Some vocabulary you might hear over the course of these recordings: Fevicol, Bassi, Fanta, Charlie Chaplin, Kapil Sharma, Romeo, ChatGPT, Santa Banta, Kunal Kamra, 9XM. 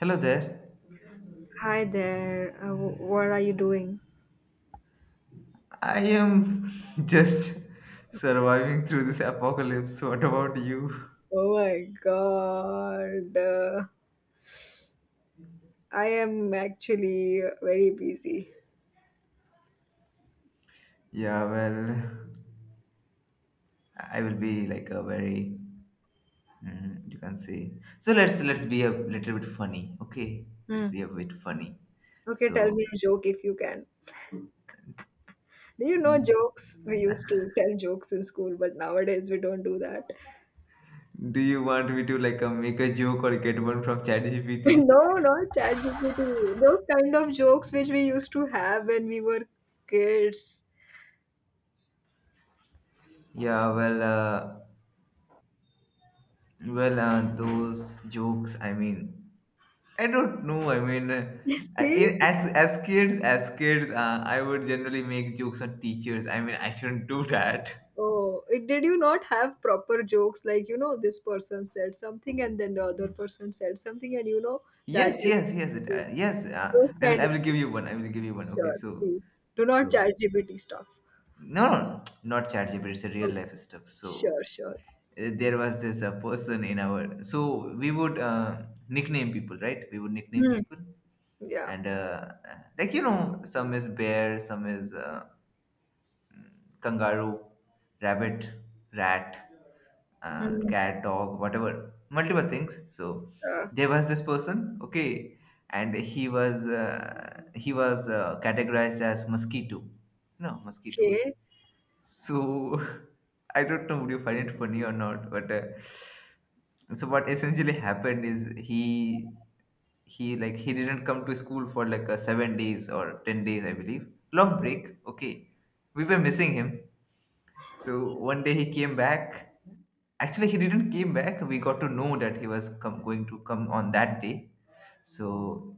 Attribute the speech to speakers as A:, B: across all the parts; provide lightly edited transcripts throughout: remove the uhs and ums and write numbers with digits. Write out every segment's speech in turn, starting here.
A: Hello there.
B: Hi there. What are you doing?
A: I am just surviving through this apocalypse. What about you?
B: Oh my God. I am actually very busy.
A: Yeah, well, I will be like a very you can say. So let's be a little bit funny, okay? Let's
B: Hmm.
A: be a bit funny.
B: Okay, tell
A: So,
B: me a joke if you can. Do you know jokes? We used to tell jokes in school, but nowadays we don't do that.
A: do you want me to like make a joke or get one from ChatGPT?
B: No, not ChatGPT. Those kind of jokes which we used to have when we were kids.
A: Yeah, well, those jokes. I mean, I don't know. I mean,
B: You see?
A: I- as kids, I would generally make jokes on teachers. I mean, I shouldn't do that.
B: Oh, it, did you not have proper jokes like, you know, this person said something and then the other person said something and you know that
A: Yes,
B: is
A: yes, yes, yes.
B: those
A: I will.
B: kind
A: I will give
B: of
A: you one. I will give you one. Okay,
B: sure,
A: so,
B: please. Do not
A: so
B: chat GPT stuff.
A: no, no, not ChatGPT. It's a real
B: Okay,
A: life stuff. So
B: sure, sure.
A: there was this person in our. So we would nickname people, right? We would nickname
B: Hmm.
A: people,
B: Yeah.
A: and like some is bear, some is. Kangaroo, rabbit, rat,
B: Hmm.
A: cat, dog, whatever, multiple things. So
B: Uh,
A: there was this person, okay, and he was categorized as mosquito. No, mosquitoes.
B: okay.
A: So I don't know would you find it funny or not, but so what essentially happened is he didn't come to school for like 7 days or 10 days, I believe, long break. Okay, we were missing him so one day he came back. Actually, he didn't came back. We got to know that he was going to come on that day. So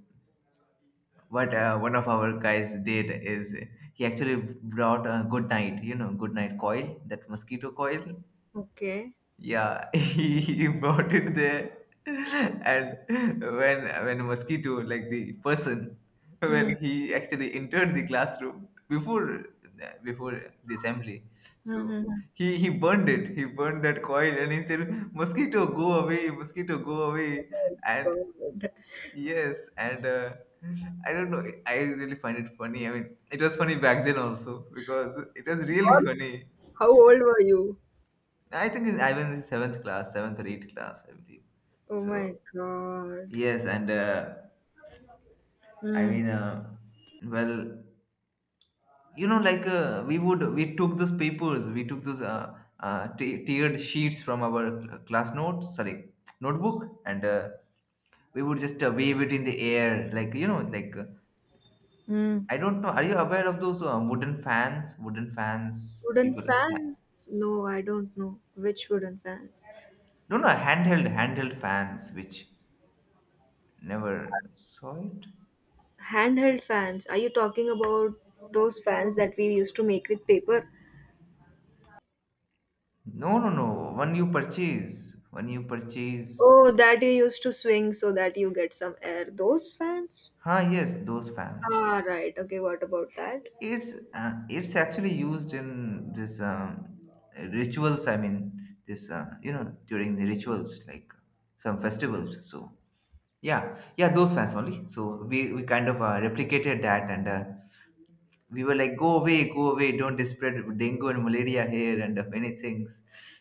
A: what one of our guys did is he actually brought a good night, good night coil, that mosquito coil.
B: Okay.
A: Yeah, he brought it there, and when mosquito like the person
B: Hmm.
A: when he actually entered the classroom before the assembly,
B: Hmm,
A: so
B: hmm, hmm.
A: he burned it. He burned that coil, and he said, "Mosquito, go away! Mosquito, go away!" And
B: God.
A: yes, and I don't know. I really find it funny. I mean, it was funny back then also because it was really
B: God,
A: funny.
B: how old were you?
A: I think I was in seventh class, seventh or eighth class, I believe.
B: Oh my
A: So
B: God.
A: yes, and I
B: Hmm.
A: mean, well, like we took those tiered sheets from our class notes, sorry, notebook, and we would just wave it in the air,
B: Hmm.
A: I don't know. Are you aware of those wooden fans? Wooden fans,
B: Wooden
A: people.
B: fans? No, I don't know. Which wooden fans?
A: No, no, handheld fans, which never saw it.
B: Handheld fans. Are you talking about those fans that we used to make with paper?
A: No, no, no. When you purchase,
B: Oh, that you used to swing so that you get some air. Those fans?
A: yes, those fans.
B: Ah, right. Okay, what about that?
A: It's actually used in this rituals. I mean, this during the rituals like some festivals. So yeah, yeah, those fans only. So we kind of replicated that, and we were like, go away, don't spread dengue and malaria here and many things.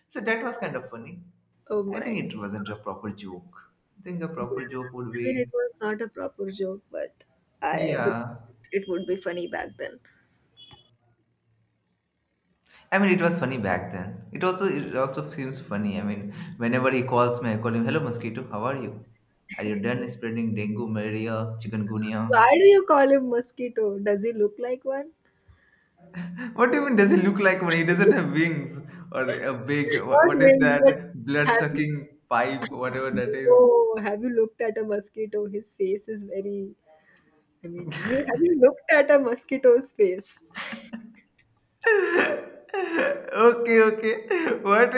A: So that was kind of funny.
B: Oh
A: I think
B: my.
A: it wasn't a proper joke. I think a proper joke would
B: I mean, it
A: be.
B: was not a proper joke, but I believed
A: Yeah.
B: it would be funny back then.
A: I mean, it was funny back then. It also seems funny. I mean, whenever he calls me, I call him, "Hello, mosquito. How are you? Are you done spreading dengue, malaria, chikungunya?"
B: Why do you call him mosquito? Does he look like one?
A: What even does he look like when he doesn't have wings or a big
B: Not
A: what is
B: really, but
A: that blood
B: have
A: sucking pipe, whatever that is?
B: oh, have you looked at a mosquito? His face is very. I mean, you- have you looked at a mosquito's face?
A: Okay, okay. What,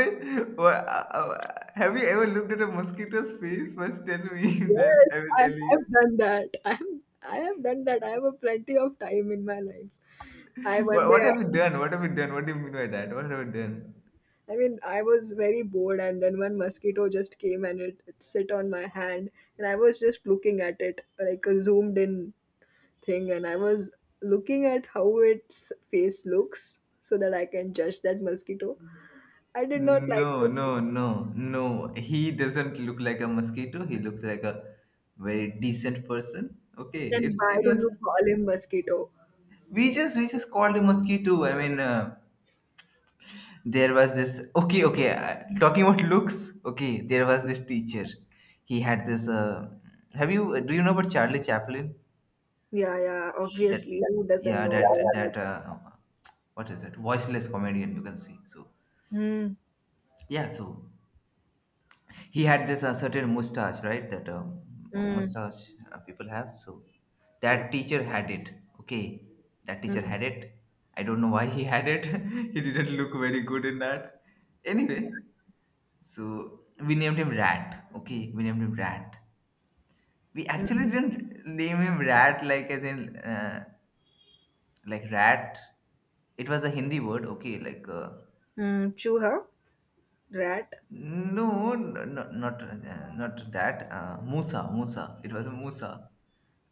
A: what uh, uh, have you ever looked at a mosquito's face? First, tell me, then
B: Yes,
A: I will
B: I
A: tell
B: have
A: you.
B: done that. I have done that. I have a plenty of time in my life. I one
A: What,
B: day,
A: what have you done? What have you done? What do you mean by that? What have you done?
B: I mean, I was very bored, and then one mosquito just came and it sit on my hand, and I was just looking at it like a zoomed in thing, and I was looking at how its face looks so that I can judge that mosquito. I did not like
A: No,
B: the.
A: no, no, no. He doesn't look like a mosquito. He looks like a very decent person. Okay,
B: Then
A: it
B: why
A: it
B: do you
A: was
B: call him mosquito?
A: we just called him mosquito. I mean, there was this. Okay, okay. Talking about looks. Okay, there was this teacher. He had this. Have you Do you know about Charlie Chaplin?
B: Yeah, yeah,
A: That
B: obviously, who doesn't
A: yeah,
B: know?
A: that that what is it? Voiceless comedian. You can see. So
B: Hmm.
A: yeah. He had this certain mustache, right? That
B: Hmm.
A: mustache people have. So
B: Yeah.
A: that teacher had it. Okay, that teacher
B: Hmm.
A: had it. I don't know why he had it. He didn't look very good in that. Anyway, so we named him Rat. Okay, we named him Rat. We actually
B: Mm.
A: didn't name him Rat like as in like rat. It was a Hindi word. Okay, like.
B: Mm, Chooha? Rat?
A: No, no, not that. Musa, Musa. It was a Musa.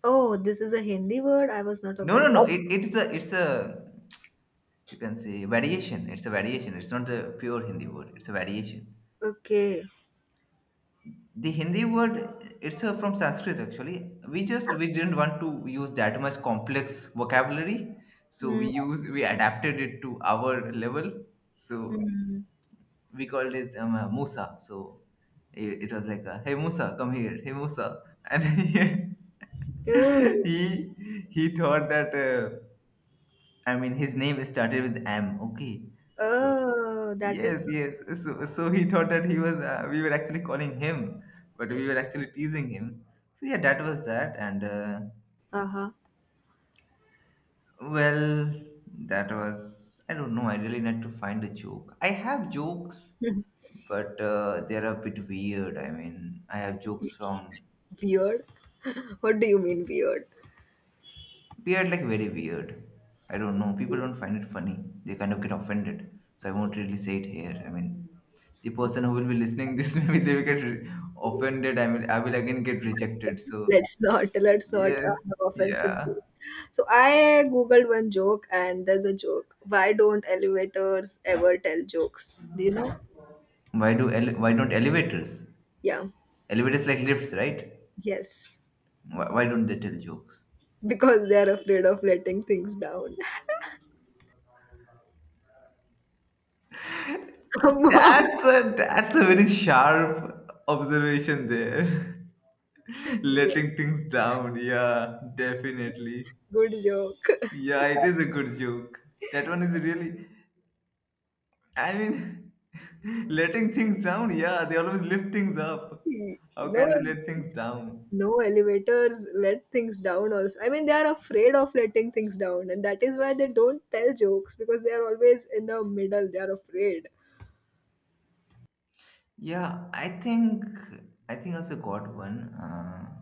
B: Oh, this is a Hindi word I was not
A: No,
B: aware
A: no, no.
B: of.
A: It's a you can say variation. It's a variation. It's not a pure Hindi word. It's a variation.
B: Okay.
A: The Hindi word it's a, from Sanskrit actually. We didn't want to use that much complex vocabulary, so we
B: Mm,
A: use we adapted it to our level. So
B: mm.
A: we called it Musa. So it was like, "Hey Musa, come here. Hey Musa," and he
B: Oh,
A: he he thought that I mean his name started with M. Okay, so
B: oh, that is
A: yes, yes. so he thought that he was we were actually calling him, but we
B: right.
A: were actually teasing him. So yeah, that was that, and
B: Uh-huh.
A: well, that was I don't know. I really need to find a joke. I have jokes but they're a bit weird. I mean, I have jokes from
B: Weird. What do you mean weird?
A: weird, like very weird. I don't know. People don't find it funny. They kind of get offended. So I won't really say it here. I mean, the person who will be listening this maybe they will get offended. I mean, I will again get rejected. So
B: Let's not, let's not
A: yes,
B: uh, have offensive
A: yeah.
B: view. So I googled one joke and there's a joke. Why don't elevators ever tell jokes? Do you know?
A: Why don't elevators?
B: Yeah.
A: Elevators like lifts, right?
B: Yes.
A: Why don't they tell jokes?
B: Because they're afraid of letting things down. Come on.
A: That's a very sharp observation there. Letting things down. Yeah,
B: Yes,
A: definitely.
B: good joke.
A: Yeah, it is a good joke. That one is really, I mean, letting things down. Yeah, they always lift things up. How
B: No,
A: can they let things down?
B: no elevators let things down. Also, I mean, they are afraid of letting things down, and that is why they don't tell jokes because they are always in the middle. They are afraid.
A: Yeah, I think I also got one. Uh,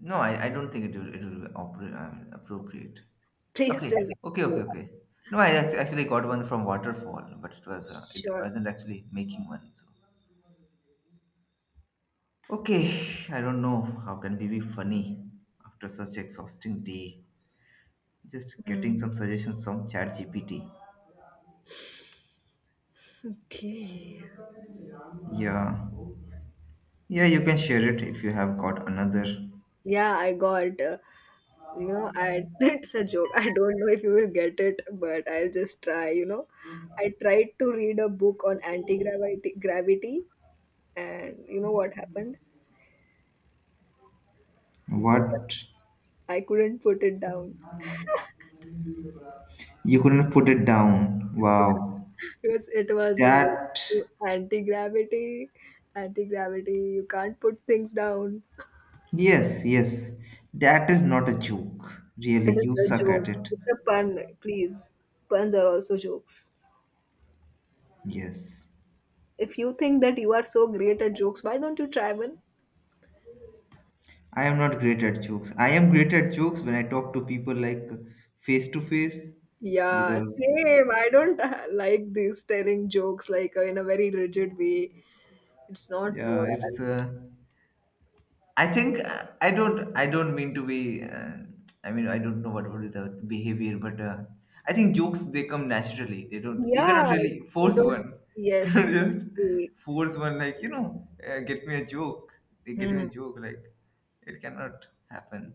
A: no, I don't think it will be appropriate.
B: Please tell
A: Okay,
B: me
A: okay,
B: a
A: okay,
B: joke.
A: okay. No, I actually got one from Waterfall, but it
B: Sure.
A: wasn't actually making one. So okay, I don't know how can we be funny after such exhausting day. Just getting
B: Hmm.
A: some suggestions from ChatGPT.
B: Okay.
A: Yeah, yeah, you can share it if you have got another.
B: Yeah, I got. You know, I it's a joke. I don't know if you will get it, but I'll just try. You know, I tried to read a book on anti gravity, gravity, and you know what happened?
A: What?
B: I couldn't put it down
A: You couldn't put it down. Wow.
B: because it was related
A: That.
B: to anti gravity. Anti gravity, you can't put things down.
A: Yes, yes. That is not a joke. Really,
B: It
A: you
B: is a
A: suck at
B: joke.
A: it.
B: It's a pun, please. Puns are also jokes.
A: Yes.
B: If you think that you are so great at jokes, why don't you try one?
A: I am not great at jokes. I am great at jokes when I talk to people like face to face
B: Yeah,
A: because
B: same. I don't like this telling jokes like in a very rigid way. It's not
A: yeah,
B: worth.
A: it's I think I don't. I don't mean to be. I mean, I don't know what would be the behavior, but I think jokes they come naturally. They don't. You
B: Yeah,
A: cannot really
B: you
A: force
B: don't.
A: one. You
B: Yes,
A: cannot just
B: exactly.
A: force one. Get me a joke. They get me a
B: Hmm.
A: joke. Like it cannot happen.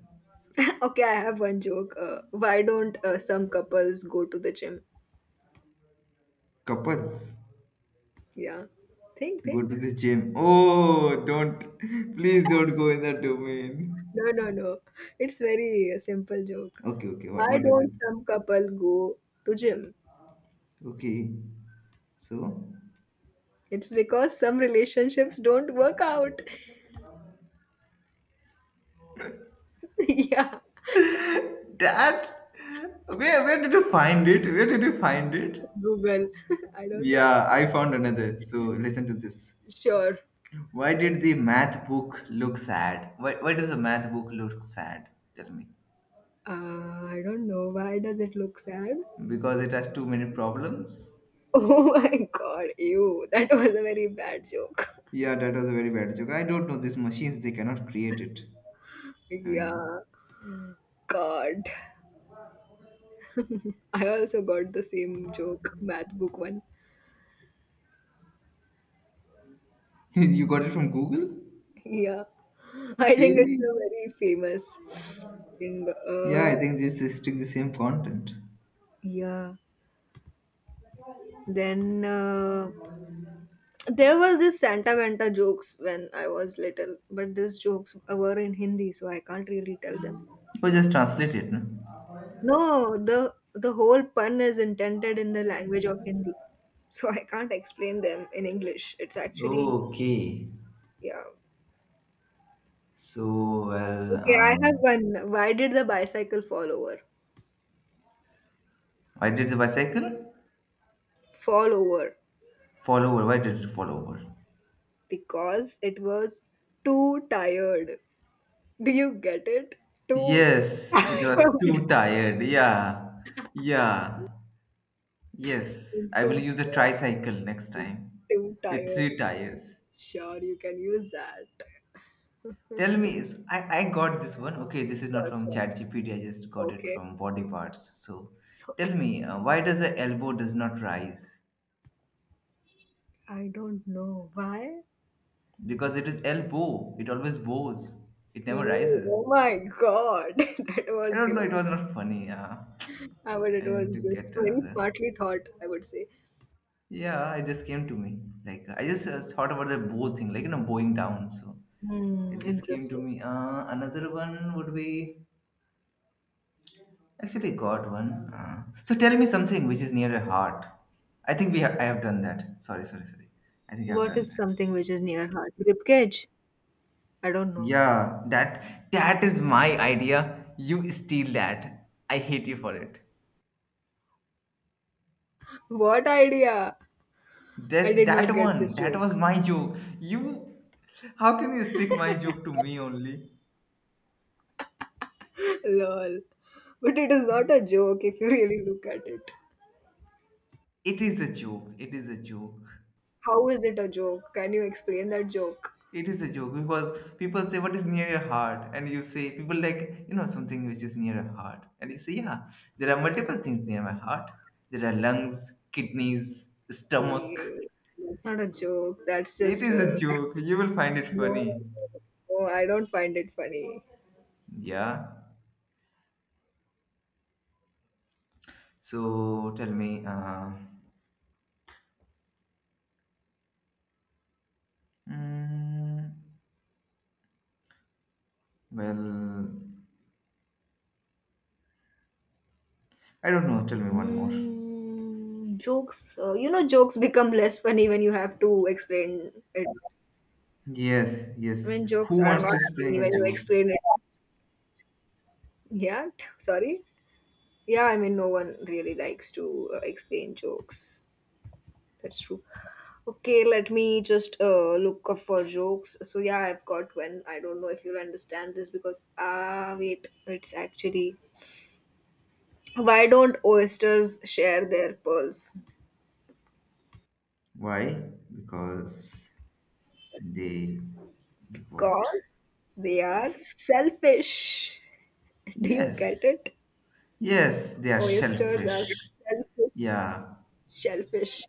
B: Okay, I have one joke. Why don't some couples go to the gym?
A: Couples
B: Yeah. Think,
A: go
B: think.
A: to the gym. Oh, don't please don't go in that domain.
B: No, no, no. It's very simple joke.
A: Okay, okay. What
B: Why
A: what is it?
B: don't some couple go to gym?
A: Okay, so.
B: It's because some relationships don't work out. Yeah.
A: That where did you find it? Where did you find it?
B: Google. I don't know.
A: Yeah, I found another. So listen to this.
B: Sure.
A: Why did the math book look sad? Why does the math book look sad? Tell me.
B: I don't know. Why does it look sad?
A: Because it has too many problems?
B: Oh my god, ew. That was a very bad joke.
A: Yeah, that was a very bad joke. I don't know these machines, they cannot create it. I mean
B: Yeah. God. I also got the same joke, math book one.
A: you got it from Google?
B: Yeah, I think it's
A: Really?
B: a very famous thing.
A: Yeah, I think this is still the same content.
B: Yeah. Then there was this Santa Vanta jokes when I was little, but these jokes were in Hindi, so I can't really tell them.
A: Or just translate it, no?
B: No, the whole pun is intended in the language of Hindi, so I can't explain them in English. It's actually
A: Okay.
B: yeah.
A: So well.
B: Okay, I have one. Why did the bicycle fall over?
A: Why did the bicycle
B: Fall over.
A: fall over? Why did it fall over?
B: Because it was too tired. Do you get it? Too
A: Yes, it
B: tired.
A: was too tired. Yeah. Yeah. Yes.
B: Too
A: I will
B: tired.
A: use a tricycle next time
B: Too
A: with three
B: tired.
A: tires.
B: Sure, you can use that.
A: Tell me, I got this one. Okay, this is not
B: Sure,
A: from
B: sure.
A: ChatGPT. I just got it
B: Okay.
A: from Body Parts. So tell me, why does the elbow does not rise?
B: I don't know why.
A: Because it is elbow. It always bows. It never
B: You,
A: rises.
B: oh my God, that
A: I
B: was
A: don't know.
B: hilarious.
A: It was not funny.
B: I mean,
A: I
B: it was
A: need to
B: just
A: get
B: very
A: another.
B: smartly thought, I would say.
A: Yeah, it just came to me. Like I just thought about the bow thing, bowing down. So
B: Hmm,
A: it just came to
B: interesting.
A: me. Another one would be actually got one. So tell me something which is near your heart. I think we have. I have done that. Sorry, sorry, sorry. I think I've
B: What
A: done
B: is
A: that.
B: something which is near heart? Rib cage? I don't know.
A: Yeah, that is my idea. You steal that. I hate you for it.
B: What idea?
A: This
B: I did
A: that
B: not get
A: one.
B: this
A: That was
B: joke.
A: my joke. You. How can you stick my joke to me only?
B: Lol. But it is not a joke if you really look at it.
A: It is a joke. It is a joke.
B: How is it a joke? Can you explain that joke?
A: It is a joke because people say, "What is near your heart?" And you say, people like, something which is near your heart. And you say, "Yeah, there are multiple things near my heart. There are lungs, kidneys, stomach."
B: Ew, that's not a joke. That's
A: It
B: just
A: is a
B: a.
A: joke. You will find it
B: No,
A: funny.
B: no, I don't find it funny.
A: Yeah. So tell me, mm, well, I don't know. Tell me one more.
B: Mm, jokes. You know, jokes become less funny when you have to explain it.
A: Yes, yes.
B: I mean,
A: Who
B: jokes are
A: wants
B: not
A: to spring
B: funny
A: a
B: when you
A: joke?
B: explain it. Sorry. Yeah, I mean, no one really likes to explain jokes. That's true. Okay, let me just look up for jokes. So yeah, I've got one. I don't know if you'll understand this because ah wait, it's actually why don't oysters share their pearls?
A: Why? Because they, like what?
B: Because they are selfish. Do you
A: Yes,
B: get it?
A: yes, they are
B: Oysters are
A: shellfish.
B: selfish,
A: Yeah,
B: shellfish.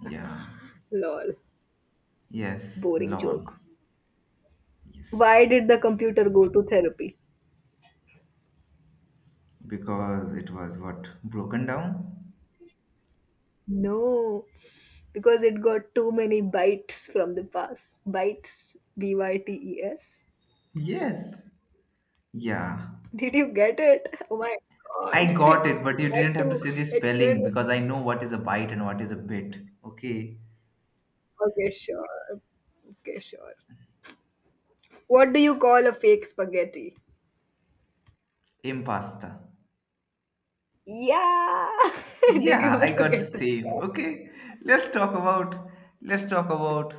A: yeah,
B: Lol,
A: yes,
B: boring joke.
A: lawn. Yes,
B: Why did the computer go to therapy?
A: because it was what broken down.
B: No, because it got too many bites from the past. Bites, bytes.
A: Yes, yeah,
B: Did you get it? Oh my
A: I
B: god,
A: got
B: it's
A: it, but you didn't
B: hard
A: have to
B: to
A: say the
B: explain.
A: spelling because I know what is a bite and what is a bit. Okay,
B: Okay, sure. Okay, sure. What do you call a fake spaghetti?
A: impasta.
B: Yeah! Did you
A: Yeah, I
B: also
A: got the
B: get that?
A: same. Okay, let's talk about let's talk about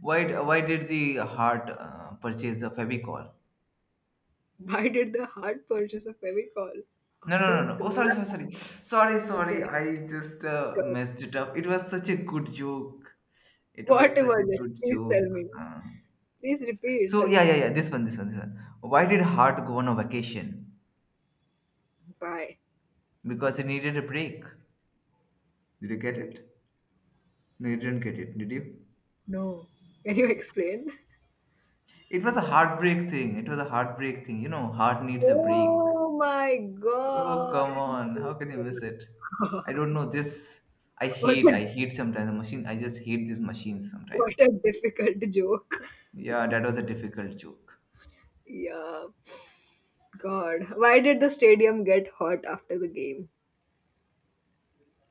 A: why did the heart purchase the Fevicol?
B: Why did the heart purchase a Fevicol?
A: No,
B: I
A: no, no,
B: don't
A: no. Oh,
B: know.
A: sorry, sorry, sorry. Sorry, sorry.
B: Okay,
A: I just
B: sure.
A: messed it up. It was such a good joke. It
B: What
A: was such a
B: was it?
A: good
B: Please tell
A: joke.
B: me.
A: Uh,
B: Please repeat.
A: so, yeah, yeah, yeah. This one, this one, this one. Why did Hart go on a vacation?
B: Why?
A: Because he needed a break. Did you get it? No, you didn't get it, did you?
B: No. Can you explain?
A: It was a heartbreak thing. It was a heartbreak thing. You know, Hart needs a break.
B: Oh my
A: Oh,
B: God.
A: come on. How can you miss it? I don't know. I
B: What
A: hate.
B: a
A: I hate sometimes the machine. I just hate these machines
B: what
A: sometimes.
B: a difficult joke.
A: Yeah, that was a difficult joke.
B: Yeah. God. Why did the stadium get hot after the game?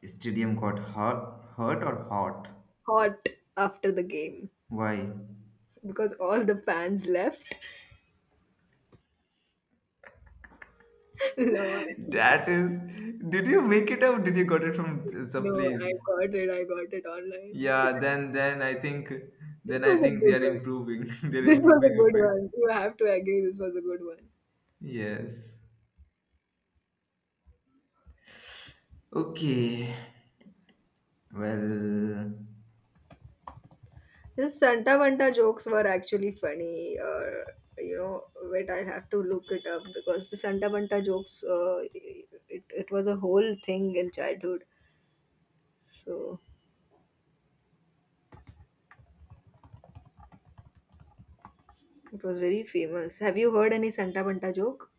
A: Stadium got hurt, hurt or hot?
B: Hot after the game.
A: Why?
B: Because all the fans left. No,
A: That is, did you make it up? Did you got it from some
B: no, I
A: place?
B: got it. I got it online.
A: Yeah, then I think
B: This
A: then I
B: was a
A: think they
B: good
A: are
B: one.
A: improving. They're
B: This was a
A: improving a
B: good
A: bit.
B: one. You have to agree this was a good one.
A: Yes. Okay. Well,
B: The Santa Banta jokes were actually funny. You know, wait, I have to look it up because the Santa Banta jokes, it, it was a whole thing in childhood. So it was very famous. Have you heard any Santa Banta joke?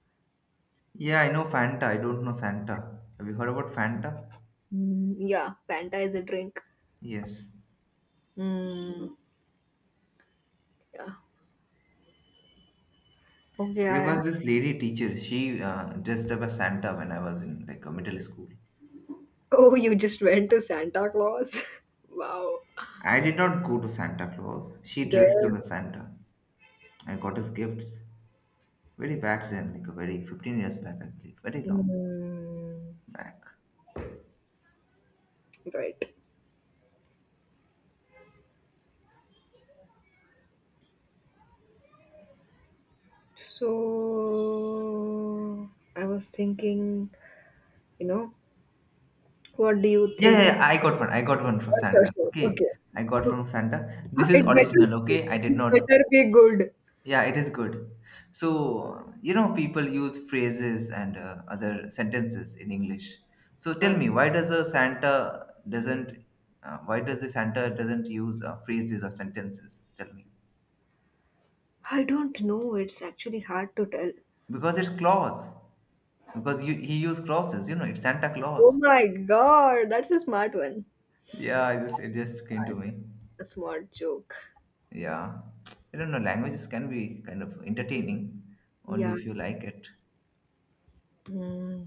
A: yeah, I know Fanta. I don't know Santa. Have you heard about Fanta?
B: Mm, yeah, Fanta is a drink.
A: Yes.
B: Mm, yeah. Okay,
A: There
B: I.
A: was this lady teacher. She dressed up as Santa when I was in like a middle school.
B: Oh, you just went to Santa Claus? Wow.
A: I did not go to Santa Claus. She dressed
B: There.
A: up as Santa. I got his gifts. Very back then, like a very 15 years back, I believe. Very long
B: Mm,
A: back.
B: right. So I was thinking, you know, what do you
A: Yeah, yeah,
B: think?
A: yeah, I got one. I got one from
B: Sure,
A: Santa.
B: sure, sure.
A: Okay.
B: Okay.
A: I got from Santa. This is
B: It better
A: original,
B: be good.
A: okay? I did
B: It
A: not.
B: better be good.
A: Yeah, it is good. So, you know, people use phrases and other sentences in English. So
B: Uh,
A: tell me, why does a Santa doesn't, why does the Santa doesn't use phrases or sentences? Tell me.
B: I don't know. It's actually hard to tell.
A: Because it's claws. Because you, he used clauses, you know, it's Santa
B: Oh
A: Claus.
B: my God, that's a smart one.
A: Yeah, it just came to me.
B: A smart joke.
A: Yeah. I don't know, languages can be kind of entertaining, only
B: Yeah.
A: if you like it.
B: Hmm.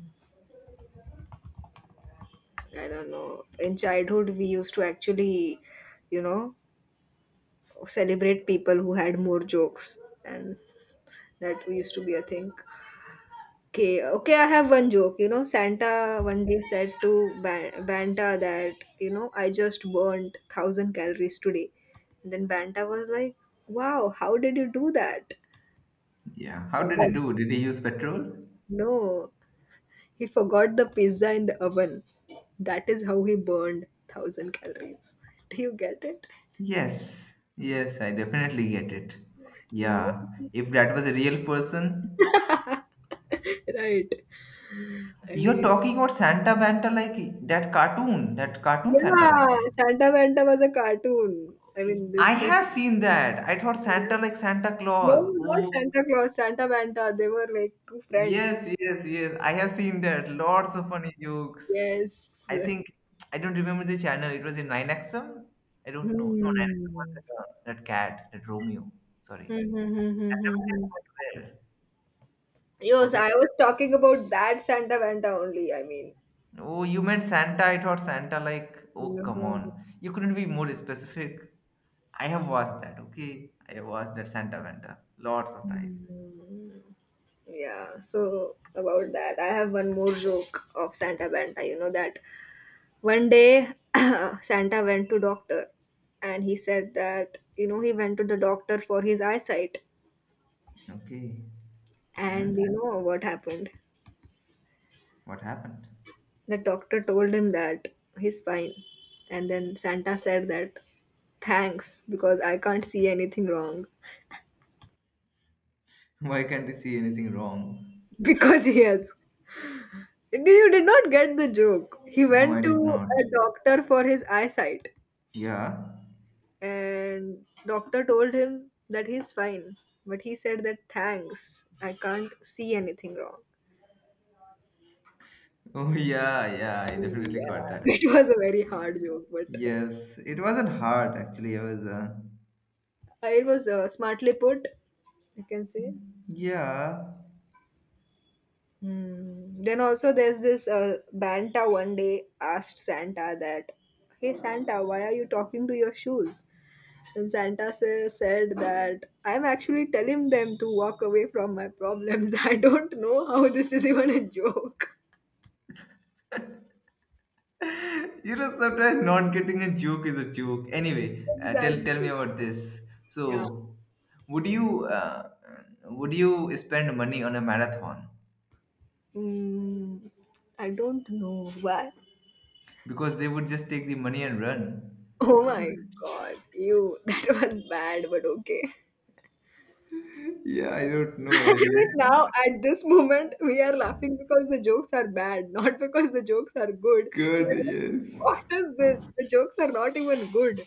B: I don't know. In childhood, we used to actually, you know, celebrate people who had more jokes, and that used to be a thing. Okay, okay, I have one joke. You know, Santa one day said to Banta that, you know, I just burned 1,000 calories today. And then Banta was like, wow, how did you do that?
A: Yeah. How did he
B: But
A: do? Did he use petrol?
B: no, he forgot the pizza in the oven. That is how he burned 1,000 calories. Do you get it?
A: Yes. Yes, I definitely get it. Yeah.
B: Yeah.
A: If that was a real person,
B: Right. I
A: you're
B: mean,
A: talking about Santa Banta like that cartoon Santa
B: yeah,
A: Banta.
B: Santa Banta was a cartoon. I mean,
A: I
B: this too.
A: have seen that. I thought Santa like Santa
B: No,
A: Claus.
B: not
A: Oh.
B: Santa Claus, Santa Banta. They were like two friends.
A: Yes, yes, yes. I have seen that. Lots of funny jokes.
B: Yes.
A: I think I don't remember the channel. It was in 9XM. I don't know. No, 9XM was
B: Hmm.
A: that, that cat, that Romeo. Sorry.
B: Hmm, hmm, hmm, hmm,
A: I never
B: hmm, hmm.
A: can go to
B: Yes,
A: forget.
B: I was talking about that Santa Banta only. I mean,
A: Oh, you meant Santa. I thought Santa. Like, oh, come
B: hmm.
A: on. You couldn't be more specific. I have watched that. Okay, I have watched that Santa Vanta lots of times.
B: Hmm. Yeah, so about that, I have one more joke of Santa Banta. You know that one day Santa went to doctor and he said that, you know, he went to the doctor for his eyesight.
A: Okay,
B: And you
A: and
B: know what happened?
A: what happened?
B: The doctor told him that he's fine. And then Santa said that thanks because I can't see anything wrong.
A: Why can't I see anything wrong?
B: Because he has. You did not get the joke. He
A: No, I
B: went
A: did
B: to
A: not.
B: a doctor for his eyesight
A: Yeah.
B: and doctor told him that he's fine. But he said that thanks, I can't see anything wrong.
A: Oh yeah, yeah, I definitely
B: Yeah,
A: got that.
B: it was a very hard joke, but
A: Yes, it wasn't hard actually.
B: it was smartly put, I can say.
A: Yeah.
B: Hmm. Then also there's this Banta one day asked Santa that, "Hey Santa, why are you talking to your shoes?" And Santa said that, "I'm actually telling them to walk away from my problems. I don't know how this is even a joke."
A: You know, sometimes not getting a joke is a joke. Anyway, tell
B: Exactly.
A: tell me about this.
B: Yeah.
A: So, would you uh, would you spend money on a marathon?
B: Mm, I don't know why.
A: Because they would just take the money and run.
B: Oh
A: So
B: my god, you. That was bad, but okay.
A: yeah, I don't know. I
B: Even now, at this moment, we are laughing because the jokes are bad, not because the jokes are good. We
A: good.
B: are like,
A: Yes.
B: what is this? The jokes are not even good.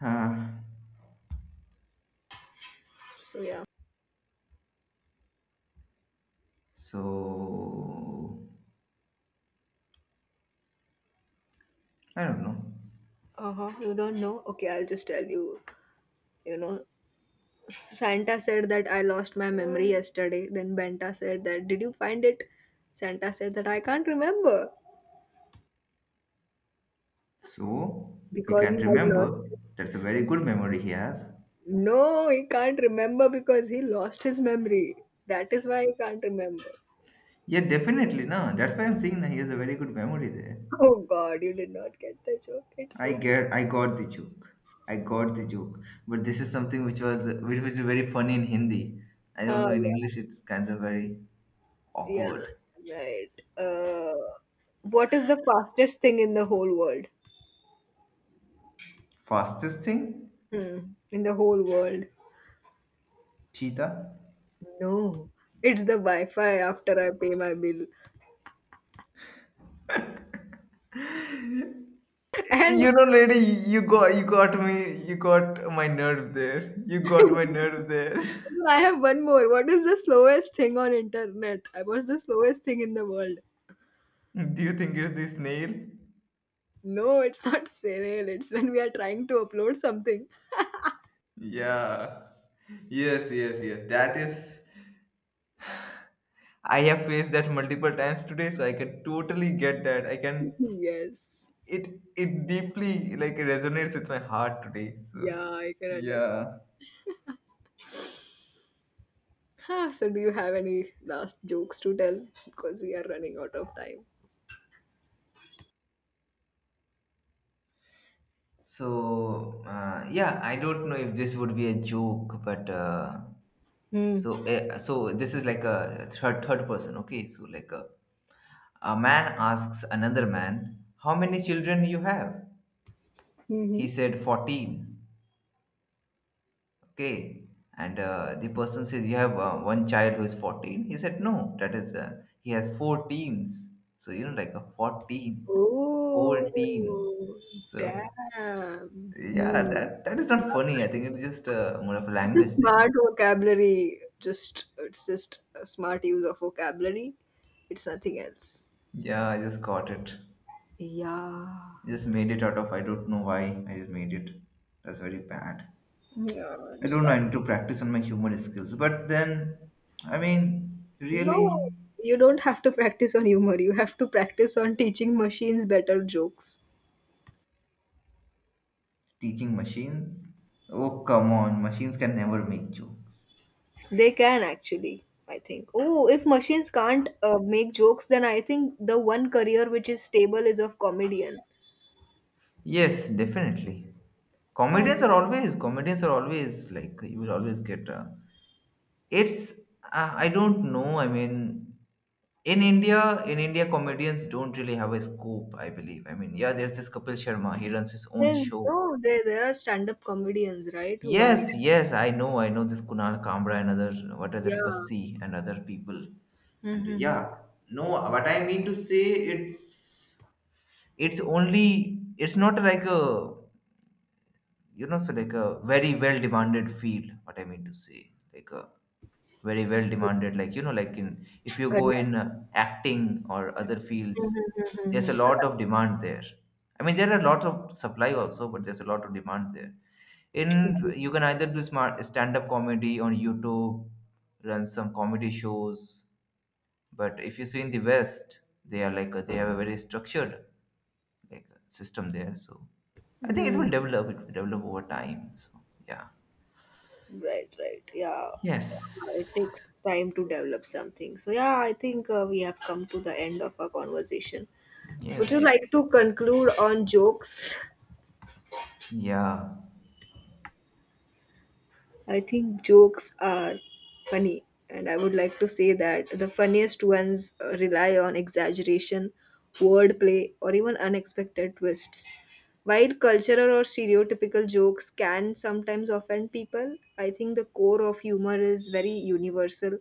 A: Huh.
B: So, yeah.
A: So I don't know.
B: Uh huh. You don't know? Okay, I'll just tell you. You know, Santa said that I lost my memory yesterday. Then Benta said that, did you find it? Santa said that I can't remember
A: So he
B: because he
A: can't
B: had lost
A: remember.
B: his.
A: That's a very good memory he has.
B: No, he can't remember because he lost his memory. That is why he can't remember.
A: Yeah, definitely, no. That's why I'm saying that he has a very good memory there.
B: Oh God, you did not get the joke. It's okay.
A: I got the joke. I got the joke. But this is something which was very funny in Hindi. I don't
B: Uh,
A: know in
B: yeah,
A: English. It's kind of very
B: yeah,
A: awkward.
B: right. Uh, what is the fastest thing in the whole world?
A: Fastest thing,
B: Hmm, in the whole world.
A: cheetah.
B: No, it's the Wi-Fi after I pay my bill. And
A: You know, lady, you got me. You got my nerve there. You got my nerve there.
B: I have one more. What is the slowest thing on internet? I was the slowest thing in the world.
A: Do you think it's the snail?
B: No, it's not serial. It's when we are trying to upload something.
A: Yeah. Yes, yes, yes. That is I have faced that multiple times today, so I can totally get that. I can
B: Yes.
A: it deeply like resonates with my heart today. So
B: Yeah, I can understand.
A: yeah.
B: Huh, so do you have any last jokes to tell? Because we are running out of time.
A: So yeah, I don't know if this would be a joke, but
B: Hmm.
A: so this is like a third person. Okay, so like a man asks another man, "How many children you have?" He
B: Mm-hmm.
A: said, 14. Okay. And the person says, you have one child who is 14. He said, no, that is, he has four teens. So, you know, like a 14,
B: Oh,
A: 14. So,
B: damn.
A: yeah,
B: Hmm.
A: that is not funny. I think it's just more of a
B: It's a
A: language thing.
B: smart vocabulary. Just it's just a smart use of vocabulary. It's nothing else.
A: Yeah, I just got it.
B: Yeah.
A: Just made it out of, I don't know why I just made it. That's very bad.
B: No,
A: I
B: it's
A: don't know,
B: fine.
A: I need to practice on my humor skills. But then, I mean,
B: No,
A: really.
B: you don't have to practice on humor. You have to practice on teaching machines better jokes.
A: Teaching machines? Oh, come on, machines can never make jokes.
B: They can actually, I think. Oh, if machines can't make jokes, then I think the one career which is stable is of comedian.
A: Yes, definitely.
B: Yeah,
A: Comedians are always like you will always get. It's I don't know. I mean, in India, comedians don't really have a scope. I believe. I mean, yeah, there's this Kapil Sharma. He runs his own
B: there's
A: show.
B: no, there are stand-up comedians, right? Who are
A: Yes, yes, I know this Kunal Kamra and other what is
B: yeah,
A: it, Bassi and other people. And
B: mm-hmm.
A: yeah, no, what I mean to say, it's only it's not like a you know so like a very well demanded field what I mean to say like a very well demanded like you know like in if you go in
B: Correct.
A: acting or other fields there's a lot of demand there I mean there are lots of supply also but there's a lot of demand there in you can either do smart stand up comedy on youtube run some comedy shows but if you see in the west they are like they have a very structured like system there so I think it will
B: Mm.
A: develop. It will develop over time. So yeah.
B: Right, right. Yeah. Yeah, it
A: Yes.
B: takes time to develop something. So yeah, I think we have come to the end of our conversation. Would you
A: Yes.
B: like to conclude on jokes?
A: Yeah.
B: I think jokes are funny, and I would like to say that the funniest ones rely on exaggeration, wordplay, or even unexpected twists. While cultural or stereotypical jokes can sometimes offend people, I think the core of humor is very universal.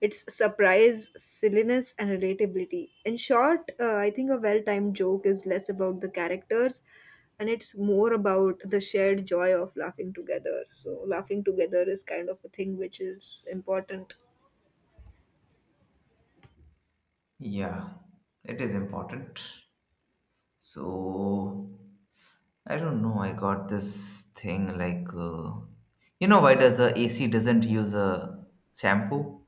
B: It's surprise, silliness, and relatability. In short, I think a well timed joke is less about the characters and it's more about the shared joy of laughing together. So, laughing together is kind of a thing which is important.
A: Yeah. It is important. So I don't know. I got this thing like you know why does a AC doesn't use a shampoo?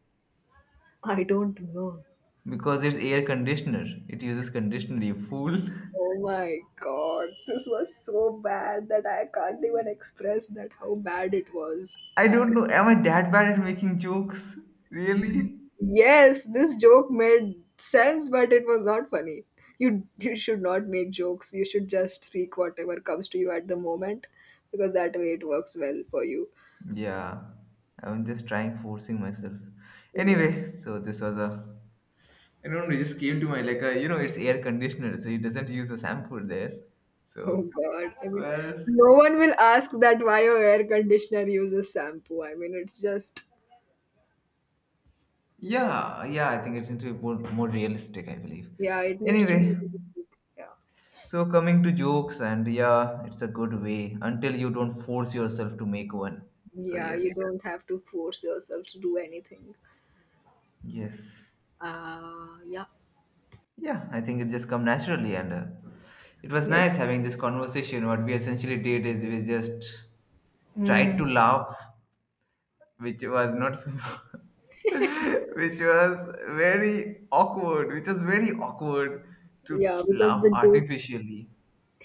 B: I don't know.
A: Because it's air conditioner. It uses conditioner. You fool.
B: Oh my god, this was so bad that I can't even express that how bad it was.
A: I
B: Uh,
A: don't know. Am I that bad at making jokes? Really?
B: yes, this joke made sense, but it was not funny. You should not make jokes. You should just speak whatever comes to you at the moment, because that way it works well for you.
A: Yeah, I'm just trying forcing myself.
B: Yeah.
A: Anyway, so this was a. I don't know, it just came to my like a you know it's air conditioner, so it doesn't use a shampoo there.
B: Oh
A: So
B: god. I mean,
A: well,
B: no one will ask that why your air conditioner uses shampoo. I mean, it's just
A: yeah, yeah, I think it's into more realistic, I believe.
B: yeah, it needs to be.
A: Anyway,
B: Yeah.
A: so coming to jokes and yeah, it's a good way until you don't force yourself to make one. So
B: Yeah, you
A: yes,
B: don't have to force yourself to do anything.
A: yes.
B: Yeah,
A: Yeah, I think it just come naturally, and it was nice
B: yes.
A: having this conversation. What we essentially did is we just tried
B: Mm.
A: to laugh, which was not, so- which was very awkward. Which was very awkward to
B: Yeah, because
A: laugh
B: the joke,
A: artificially.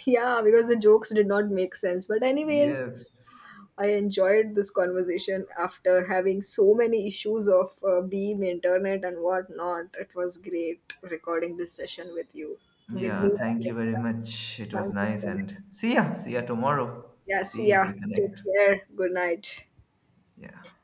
B: yeah, because the jokes did not make sense. But anyways,
A: Yes.
B: I enjoyed this conversation after having so many issues of Beam, internet, and whatnot. It was great recording this session with you. We'll
A: Yeah.
B: meet up
A: Thank you
B: next
A: very
B: time.
A: much. It was
B: Thank you
A: nice,
B: so much.
A: and see ya. See ya tomorrow.
B: Yeah, see
A: See if
B: ya.
A: we
B: Take
A: connect.
B: care. Good night.
A: Yeah.